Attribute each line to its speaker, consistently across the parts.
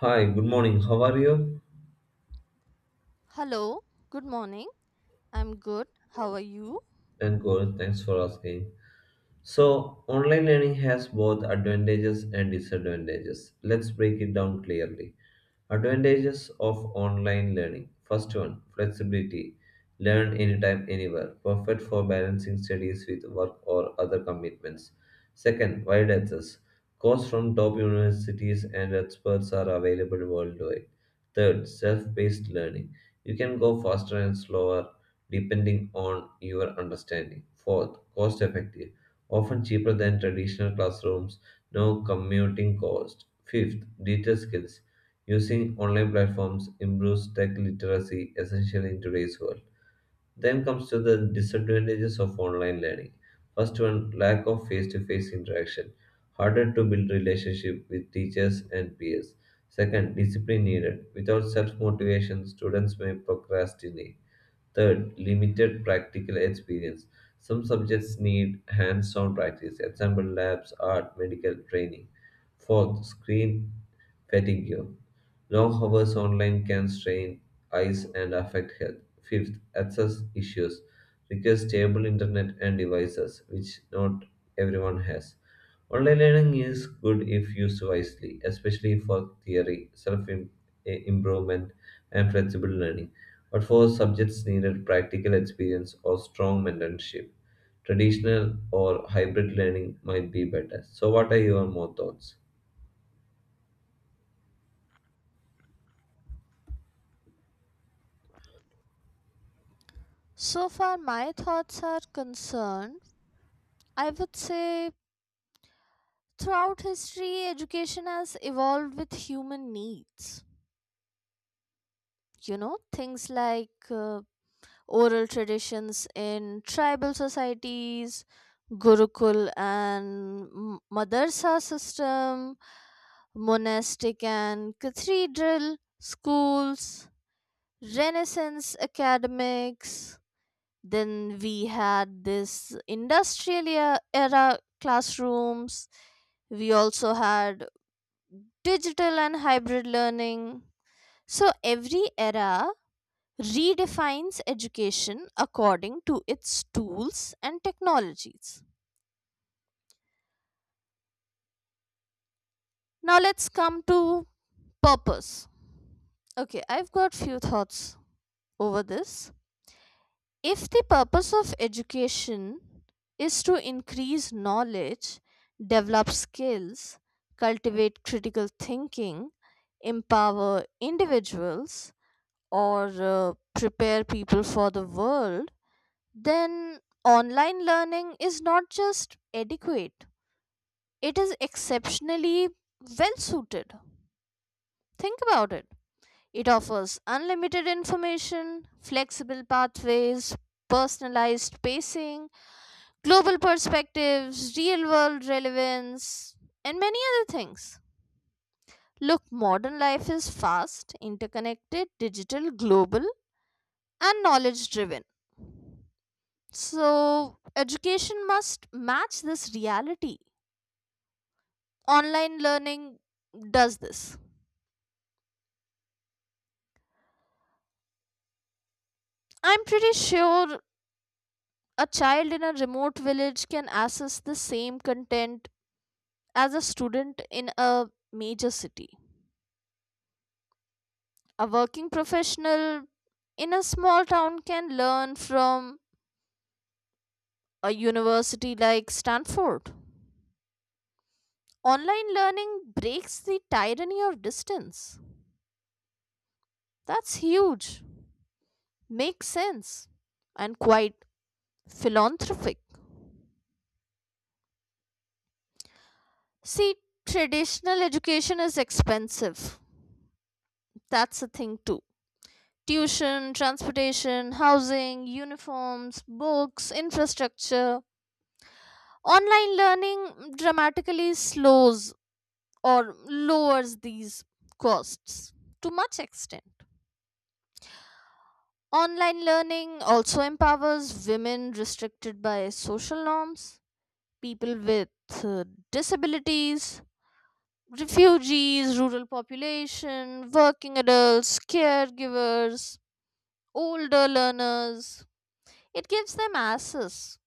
Speaker 1: Hi, good morning. How are you?
Speaker 2: Hello, good morning. I'm good. How are you?
Speaker 1: And good. Thanks for asking. So, online learning has both advantages and disadvantages. Let's break it down clearly. Advantages of online learning. First one, flexibility. Learn anytime, anywhere. Perfect for balancing studies with work or other commitments. Second, wide access. Courses from top universities and experts are available worldwide. Third, self-paced learning. You can go faster and slower depending on your understanding. Fourth, cost effective often cheaper than traditional classrooms, no commuting cost. Fifth, digital skills. Using online platforms improves tech literacy, essential in today's world. Then comes to the disadvantages of online learning. First one, lack of face-to-face interaction, harder to build relationship with teachers and peers. Second, discipline needed. Without self-motivation, students may procrastinate. Third, limited practical experience. Some subjects need hands-on practice, example labs, art, medical training. Fourth, screen fatigue. Long hours online can strain eyes and affect health. Fifth, access issues require stable internet and devices, which not everyone has. Online learning is good if used wisely, especially for theory, self improvement, and flexible learning, but for subjects needed practical experience or strong mentorship. Traditional or hybrid learning might be better. So, what are your more thoughts?
Speaker 2: So far, my thoughts are concerned. I would say throughout history, education has evolved with human needs. Things like oral traditions in tribal societies, Gurukul and madrasa system, monastic and cathedral schools, Renaissance academics. Then we had this industrial era classrooms. We also had digital and hybrid learning. So every era redefines education according to its tools and technologies. Now let's come to purpose. Okay, I've got few thoughts over this. If the purpose of education is to increase knowledge, develop skills, cultivate critical thinking, empower individuals, or prepare people for the world, then online learning is not just adequate, it is exceptionally well suited. Think about it. It offers unlimited information, flexible pathways, personalized pacing, global perspectives, real world relevance, and many other things. Look, modern life is fast, interconnected, digital, global, and knowledge driven. So, education must match this reality. Online learning does this. I'm pretty sure a child in a remote village can access the same content as a student in a major city. A working professional in a small town can learn from a university like Stanford. Online learning breaks the tyranny of distance. That's huge, makes sense, and quite philanthropic. See, traditional education is expensive. That's a thing too. Tuition, transportation, housing, uniforms, books, infrastructure. Online learning dramatically slows or lowers these costs to much extent. Online learning also empowers women restricted by social norms, people with uh, disabilities, refugees, rural population, working adults, caregivers, older learners. It gives them access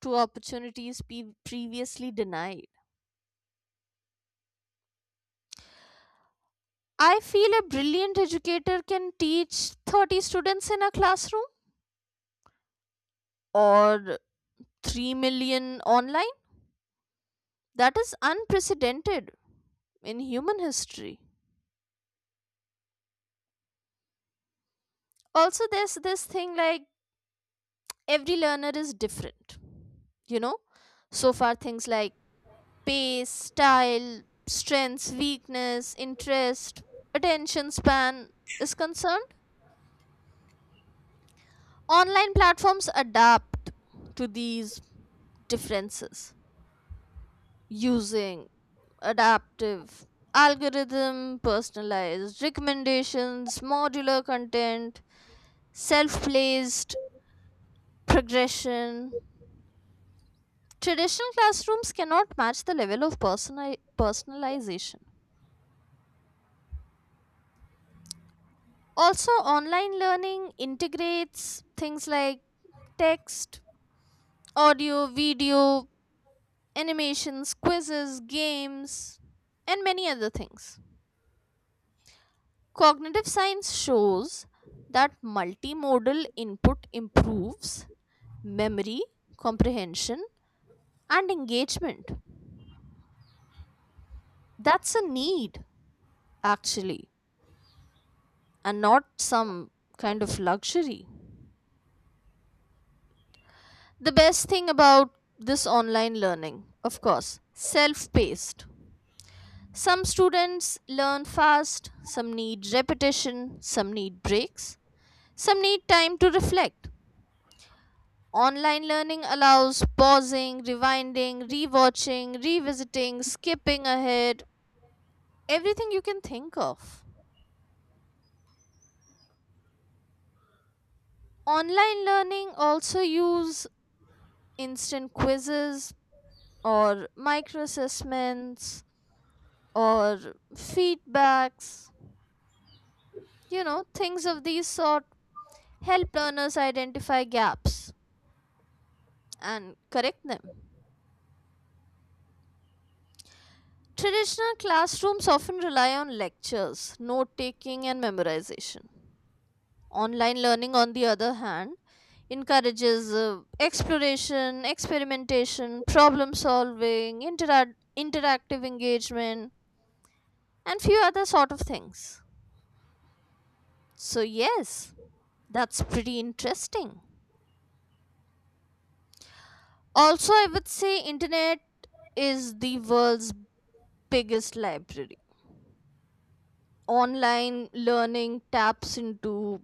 Speaker 2: to opportunities previously denied. I feel a brilliant educator can teach 30 students in a classroom or 3 million online. That is unprecedented in human history. Also, there's this thing like every learner is different, you know? So far, things like pace, style, strengths, weakness, interest, attention span is concerned. Online platforms adapt to these differences using adaptive algorithm, personalized recommendations, modular content, self placed progression. Traditional classrooms cannot match the level of personalization. Also, online learning integrates things like text, audio, video, animations, quizzes, games, and many other things. Cognitive science shows that multimodal input improves memory, comprehension, and engagement. That's a need, actually, and not some kind of luxury. The best thing about this online learning, of course, self paced. Some students learn fast, some need repetition, some need breaks, some need time to reflect. Online learning allows pausing, rewinding, rewatching, revisiting, skipping ahead, everything you can think of. Online learning also use instant quizzes or micro assessments or feedbacks. You know, things of these sort help learners identify gaps and correct them. Traditional classrooms often rely on lectures, note taking, and memorization. Online learning, on the other hand, encourages exploration, experimentation, problem solving, interactive engagement, and few other sort of things. So, yes, that's pretty interesting. Also, I would say internet is the world's biggest library. Online learning taps into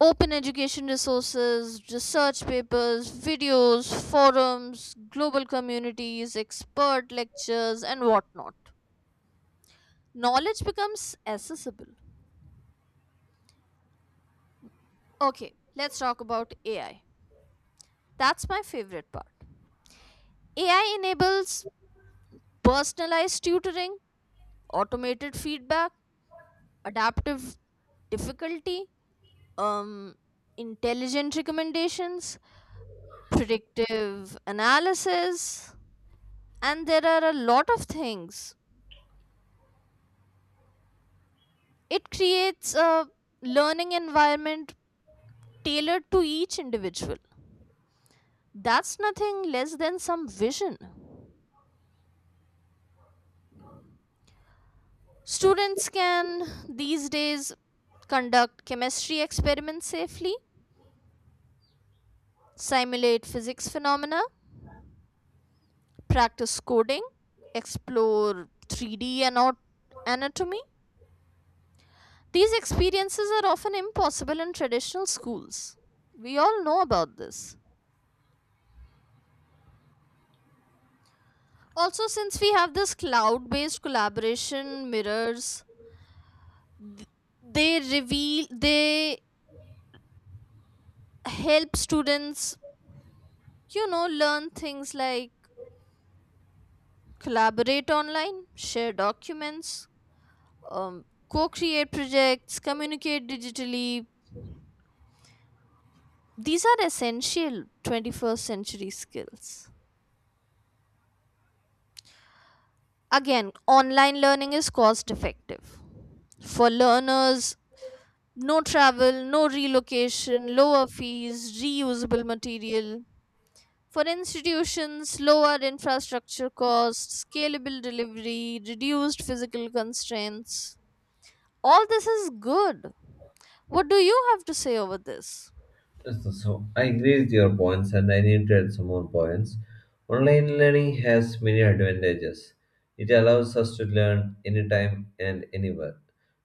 Speaker 2: open education resources, research papers, videos, forums, global communities, expert lectures, and whatnot. Knowledge becomes accessible. Okay, let's talk about AI. That's my favorite part. AI enables personalized tutoring, automated feedback, adaptive difficulty, um intelligent recommendations, predictive analysis, and there are a lot of things. It creates a learning environment tailored to each individual. That's nothing less than some vision. Students can these days conduct chemistry experiments safely, simulate physics phenomena, practice coding, explore 3D and anatomy. These experiences are often impossible in traditional schools. We all know about this. Also, since we have this cloud based collaboration mirrors, th- they help students, you know, learn things like collaborate online, share documents, um, co create projects, communicate digitally. These are essential 21st century skills. Again, online learning is cost effective. For learners, no travel, no relocation, lower fees, reusable material. For institutions, lower infrastructure costs, scalable delivery, reduced physical constraints. All this is good. What do you have to say over this?
Speaker 1: Yes, so I agree with your points, and I need to add some more points. Online learning has many advantages. It allows us to learn anytime and anywhere.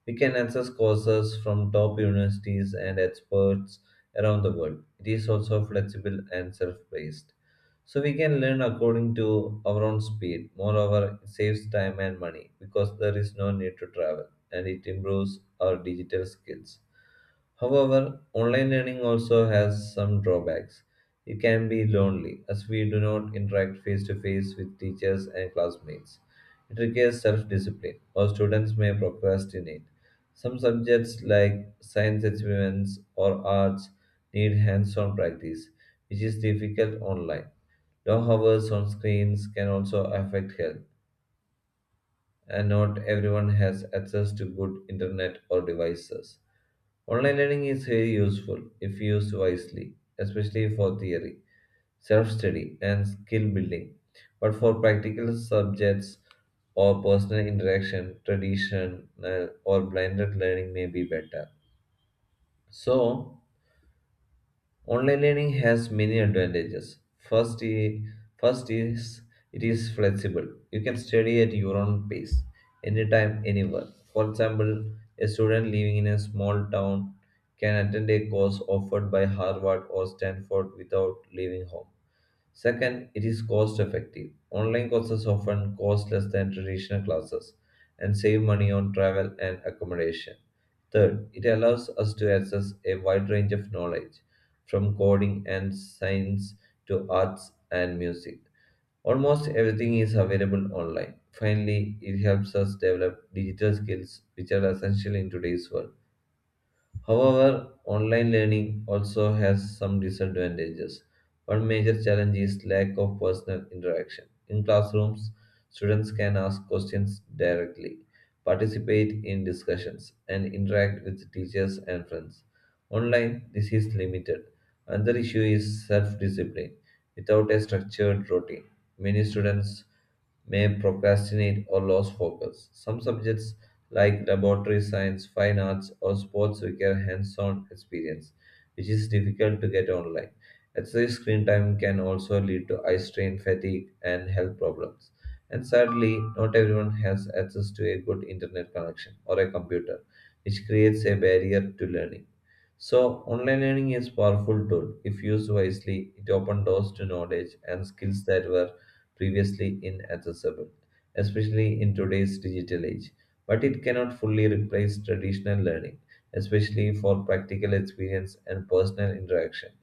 Speaker 1: We can access courses from top universities and experts around the world. It is also flexible and self-paced. So we can learn according to our own speed. Moreover, it saves time and money because there is no need to travel, and it improves our digital skills. However, online learning also has some drawbacks. It can be lonely as we do not interact face to face with teachers and classmates. It requires self discipline, or students may procrastinate. Some subjects like science experiments or arts need hands on practice, which is difficult online. Long hours on screens can also affect health, and not everyone has access to good internet or devices. Online learning is very useful if used wisely, especially for theory, self study, and skill building. But for practical subjects or personal interaction, traditional or blended learning may be better. So, online learning has many advantages. First, I- first is it is flexible. You can study at your own pace, anytime, anywhere. For example, a student living in a small town can attend a course offered by Harvard or Stanford without leaving home. Second, it is cost effective. Online courses often cost less than traditional classes and save money on travel and accommodation. Third, it allows us to access a wide range of knowledge, from coding and science to arts and music. Almost everything is available online. Finally, it helps us develop digital skills which are essential in today's world. However, online learning also has some disadvantages. One major challenge is lack of personal interaction. In classrooms, students can ask questions directly, participate in discussions, and interact with teachers and friends. Online, this is limited. Another issue is self discipline. Without a structured routine, many students may procrastinate or lose focus. Some subjects like laboratory science, fine arts, or sports require hands on experience, which is difficult to get online. Excessive screen time can also lead to eye strain, fatigue, and health problems. And sadly, not everyone has access to a good internet connection or a computer, which creates a barrier to learning. So, online learning is a powerful tool. If used wisely, it opens doors to knowledge and skills that were previously inaccessible, especially in today's digital age. But it cannot fully replace traditional learning, especially for practical experience and personal interaction.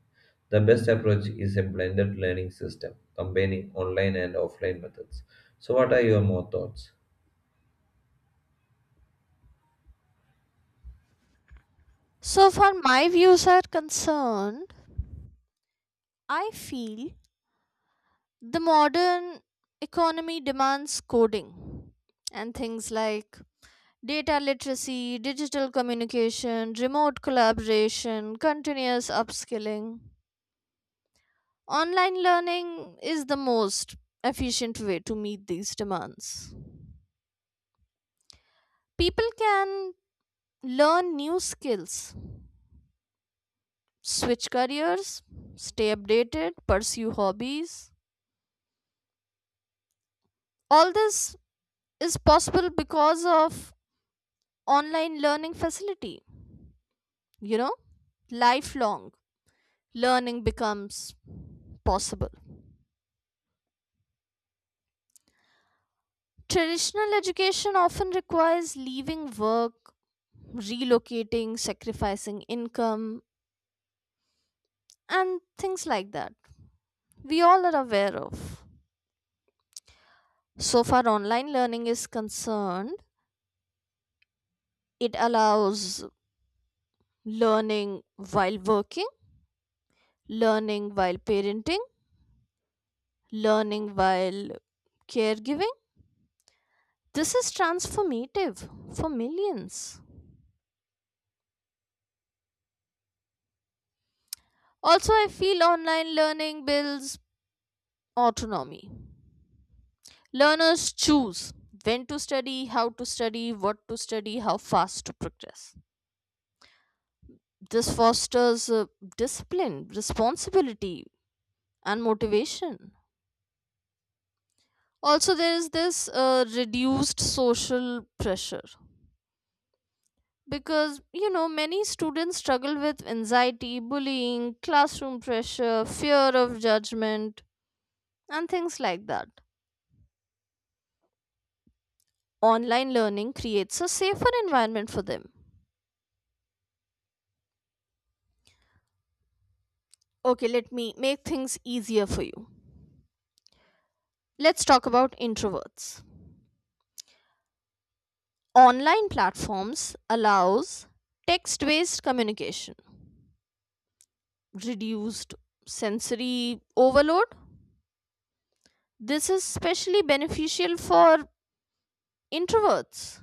Speaker 1: The best approach is a blended learning system, combining online and offline methods. So, what are your more thoughts?
Speaker 2: So, far my views are concerned, I feel the modern economy demands coding and things like data literacy, digital communication, remote collaboration, continuous upskilling. Online learning is the most efficient way to meet these demands. People can learn new skills, switch careers, stay updated, pursue hobbies. All this is possible because of online learning facility. You know, lifelong learning becomes possible. Traditional education often requires leaving work, relocating, sacrificing income, and things like that, we all are aware of. So far online learning is concerned, it allows learning while working, learning while parenting, learning while caregiving. This is transformative for millions. Also, I feel online learning builds autonomy. Learners choose when to study, how to study, what to study, how fast to progress. This fosters discipline, responsibility, and motivation. Also, there is this reduced social pressure, because you know many students struggle with anxiety, bullying, classroom pressure, fear of judgment, and things like that. Online learning creates a safer environment for them. Okay, let me make things easier for you. Let's talk about introverts. Online platforms allows text-based communication, reduced sensory overload. This is especially beneficial for introverts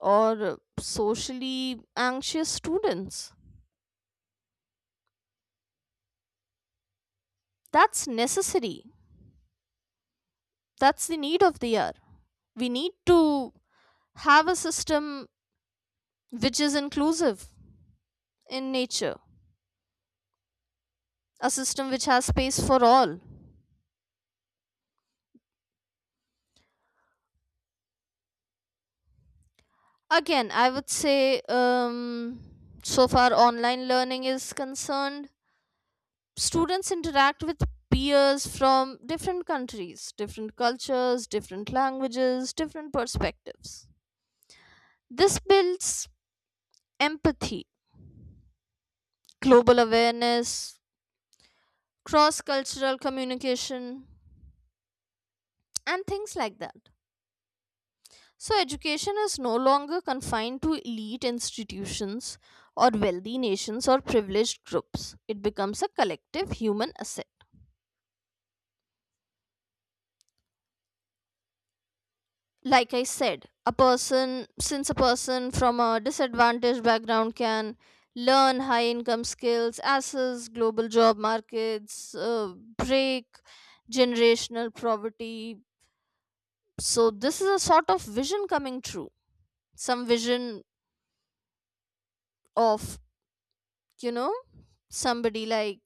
Speaker 2: or socially anxious students. That's necessary. That's the need of the hour. We need to have a system which is inclusive in nature, a system which has space for all. Again, I would say, so far online learning is concerned, students interact with peers from different countries, different cultures, different languages, different perspectives. This builds empathy, global awareness, cross cultural communication, and things like that. So, education is no longer confined to elite institutions or wealthy nations or privileged groups. It becomes a collective human asset. Like I said, since a person from a disadvantaged background can learn high income skills, access global job markets, break generational poverty. So, this is a sort of vision coming true. Some vision of, you know, somebody like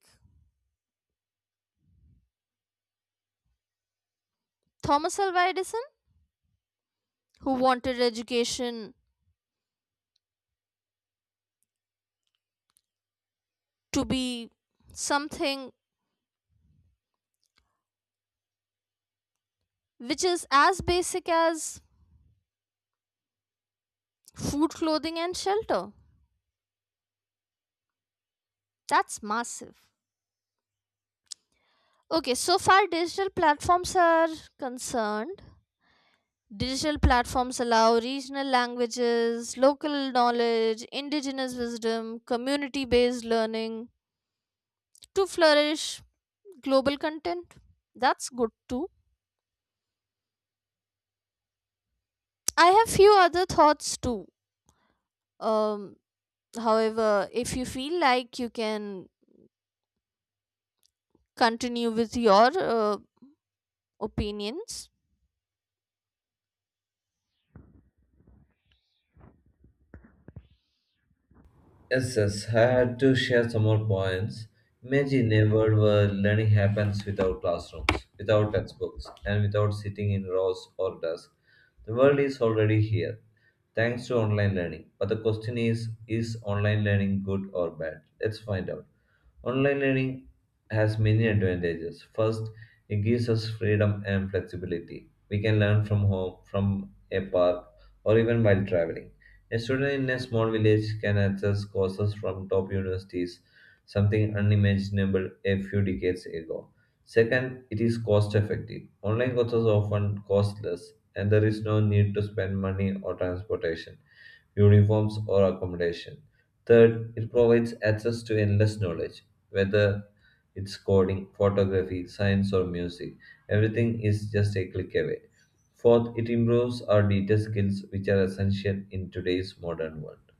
Speaker 2: Thomas Alva Edison, who wanted education to be something which is as basic as food, clothing, and shelter. That's massive. Okay, so far digital platforms are concerned. Digital platforms allow regional languages, local knowledge, indigenous wisdom, community based learning to flourish global content. That's good too. I have few other thoughts too. Um However, if you feel like you can continue with your opinions,
Speaker 1: Yes, yes, I had to share some more points. Imagine a world where learning happens without classrooms, without textbooks, and without sitting in rows or desks. The world is already here, thanks to online learning. But the question is online learning good or bad? Let's find out. Online learning has many advantages. First, it gives us freedom and flexibility. We can learn from home, from a park, or even while traveling. A student in a small village can access courses from top universities, something unimaginable a few decades ago. Second, it is cost effective. Online courses are often costless, and there is no need to spend money or transportation, uniforms, or accommodation. Third, it provides access to endless knowledge, whether it's coding, photography, science, or music. Everything is just a click away. Fourth, it improves our digital skills, which are essential in today's modern world.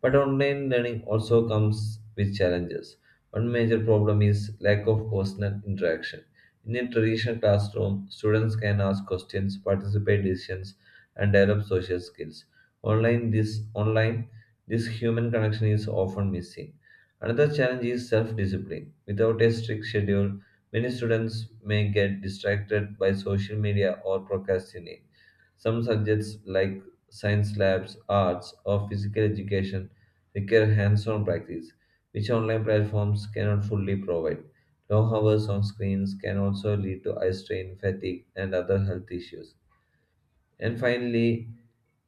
Speaker 1: But online learning also comes with challenges. One major problem is lack of personal interaction. In a traditional classroom, students can ask questions, participate decisions, and develop social skills. Online, this human connection is often missing. Another challenge is self discipline. Without a strict schedule, many students may get distracted by social media or procrastinate. Some subjects like science labs, arts, or physical education require hands on practice, which online platforms cannot fully provide. Long hours on screens can also lead to eye strain, fatigue, and other health issues. And finally,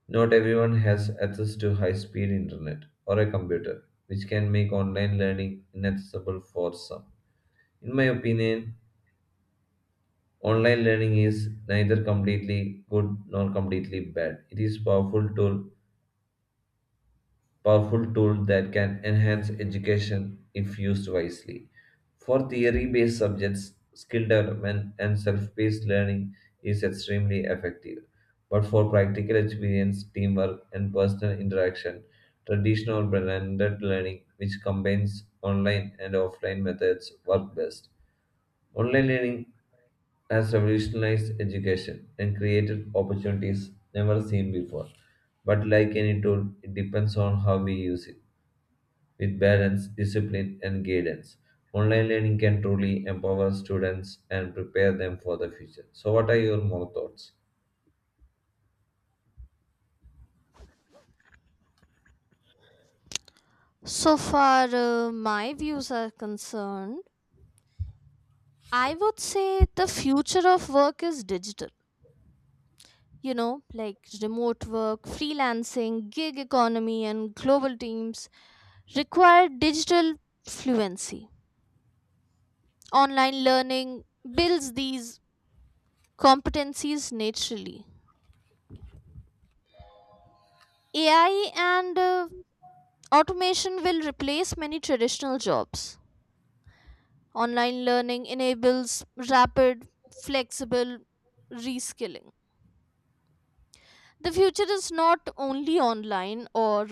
Speaker 1: not everyone has access to high speed internet or a computer, which can make online learning inaccessible for some. In my opinion, online learning is neither completely good nor completely bad. It is a powerful tool that can enhance education if used wisely. For theory based subjects, skill development and self paced learning is extremely effective. But for practical experience, teamwork, and personal interaction, traditional blended learning, which combines online and offline methods, work best. Online learning has revolutionized education and created opportunities never seen before. But like any tool, it depends on how we use it. With balance, discipline, and guidance, online learning can truly empower students and prepare them for the future. So, what are your more thoughts?
Speaker 2: so far my views are concerned, I would say the future of work is digital. You know, like remote work, freelancing, gig economy, and global teams require digital fluency. Online learning builds these competencies naturally. AI and automation will replace many traditional jobs. Online learning enables rapid, flexible reskilling. The future is not only online or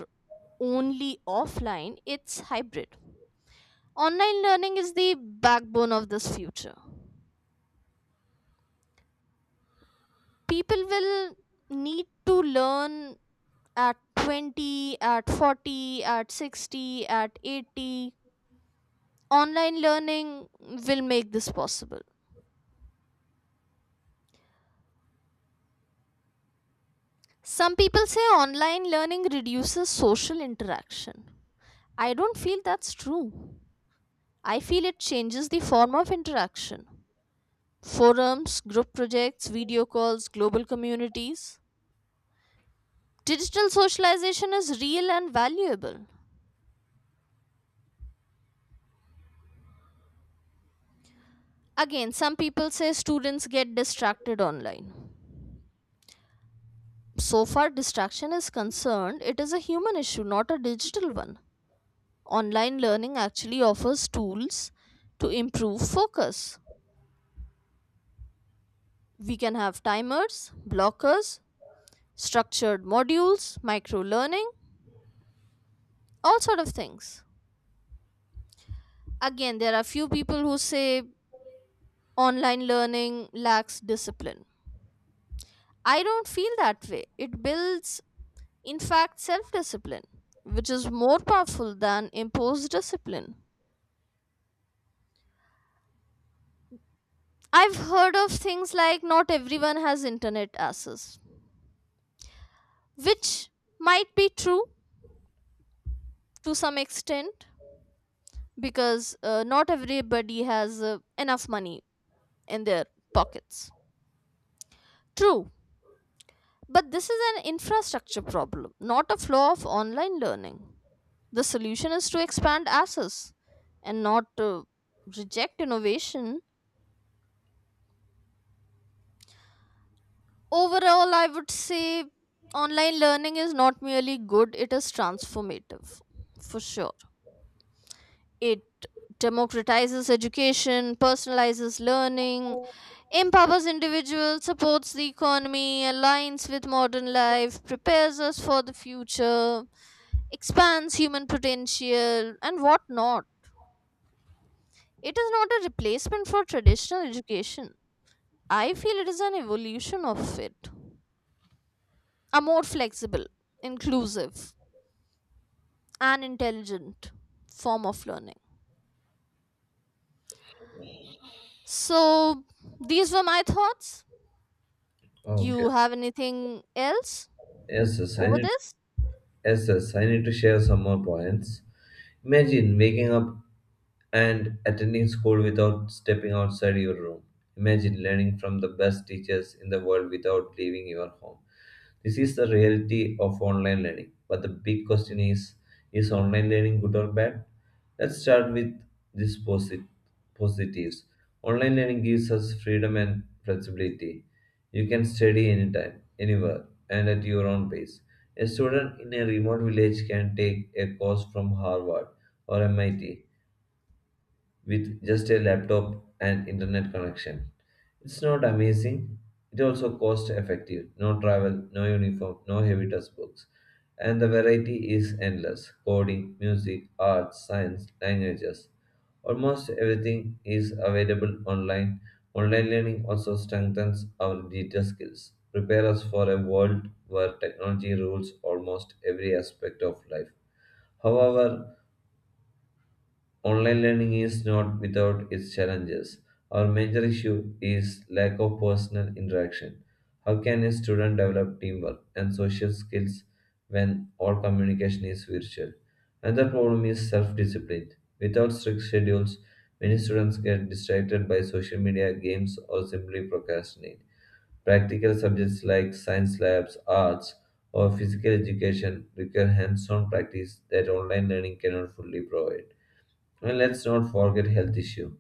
Speaker 2: only offline, it's hybrid. Online learning is the backbone of this future. People will need to learn at 20, at 40, at 60, at 80. Online learning will make this possible. Some people say online learning reduces social interaction. I don't feel that's true. I feel it changes the form of interaction. Forums, group projects, video calls, global communities. Digital socialization is real and valuable. Again, some people say students get distracted online. So far, distraction is concerned, it is a human issue, not a digital one. Online learning actually offers tools to improve focus. We can have timers, blockers, structured modules, micro learning, all sort of things. Again, there are few people who say online learning lacks discipline. I don't feel that way. It builds, in fact, self discipline, which is more powerful than imposed discipline. I've heard of things like not everyone has internet access, which might be true to some extent, because not everybody has enough money in their pockets. True. But this is an infrastructure problem, not a flaw of online learning. The solution is to expand access and not to reject innovation. Overall, I would say online learning is not merely good, it is transformative, for sure. It democratizes education, personalizes learning, empowers individuals, supports the economy, aligns with modern life, prepares us for the future, expands human potential, and whatnot. It is not a replacement for traditional education. I feel it is an evolution of it, a more flexible, inclusive, and intelligent form of learning. So, these were my thoughts.
Speaker 1: Okay.
Speaker 2: You have anything else
Speaker 1: Yes, yes, I
Speaker 2: over
Speaker 1: need
Speaker 2: this?
Speaker 1: Yes, yes, I need to share some more points. Imagine waking up and attending school without stepping outside your room. Imagine learning from the best teachers in the world without leaving your home. This is the reality of online learning. But the big question is online learning good or bad? Let's start with these positives. Online learning gives us freedom and flexibility. You can study anytime, anywhere, and at your own pace. A student in a remote village can take a course from Harvard or MIT with just a laptop and internet connection. It's not amazing. It also cost effective. No travel, no uniform, no heavy textbooks. And the variety is endless. Coding, music, arts, science, languages. Almost everything is available online. Online learning also strengthens our digital skills, prepare us for a world where technology rules almost every aspect of life. However, online learning is not without its challenges. Our major issue is lack of personal interaction. How can a student develop teamwork and social skills when all communication is virtual? Another problem is self discipline. Without strict schedules, many students get distracted by social media, games, or simply procrastinate. Practical subjects like science labs, arts, or physical education require hands on practice that online learning cannot fully provide. And let's not forget health issue.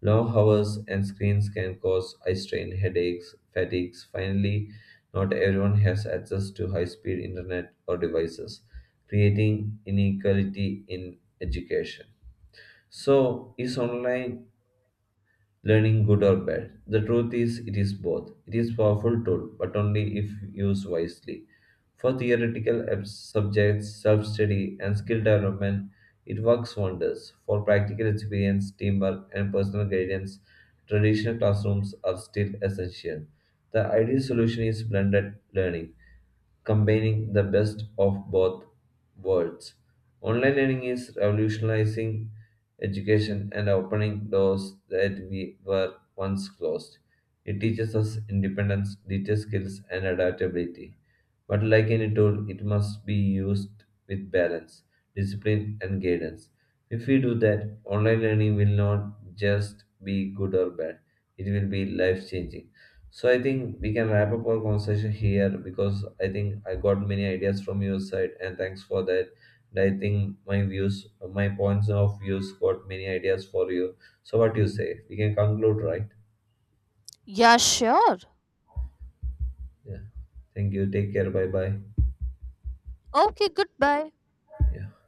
Speaker 1: Long hours and screens can cause eye strain, headaches, fatigues. Finally, not everyone has access to high-speed internet or devices, creating inequality in education. So, is online learning good or bad? The truth is, it is both. It is powerful tool, but only if used wisely. For theoretical subjects, self-study, and skill development, it works wonders. For practical experience, teamwork, and personal guidance, traditional classrooms are still essential. The ideal solution is blended learning combining the best of both worlds. Online learning is revolutionizing education and opening doors that we were once closed. It teaches us independence, digital skills, and adaptability. But like any tool, it must be used with balance, discipline, and guidance. If we do that, online learning will not just be good or bad, it will be life changing. So I think we can wrap up our conversation here because I think I got many ideas from your side, and thanks for that. And I think my views, my points of views got many ideas for you. So what do you say? We can conclude, right?
Speaker 2: Yeah, sure.
Speaker 1: Yeah. Thank you. Take care. Bye bye.
Speaker 2: Okay, goodbye.
Speaker 1: Yeah.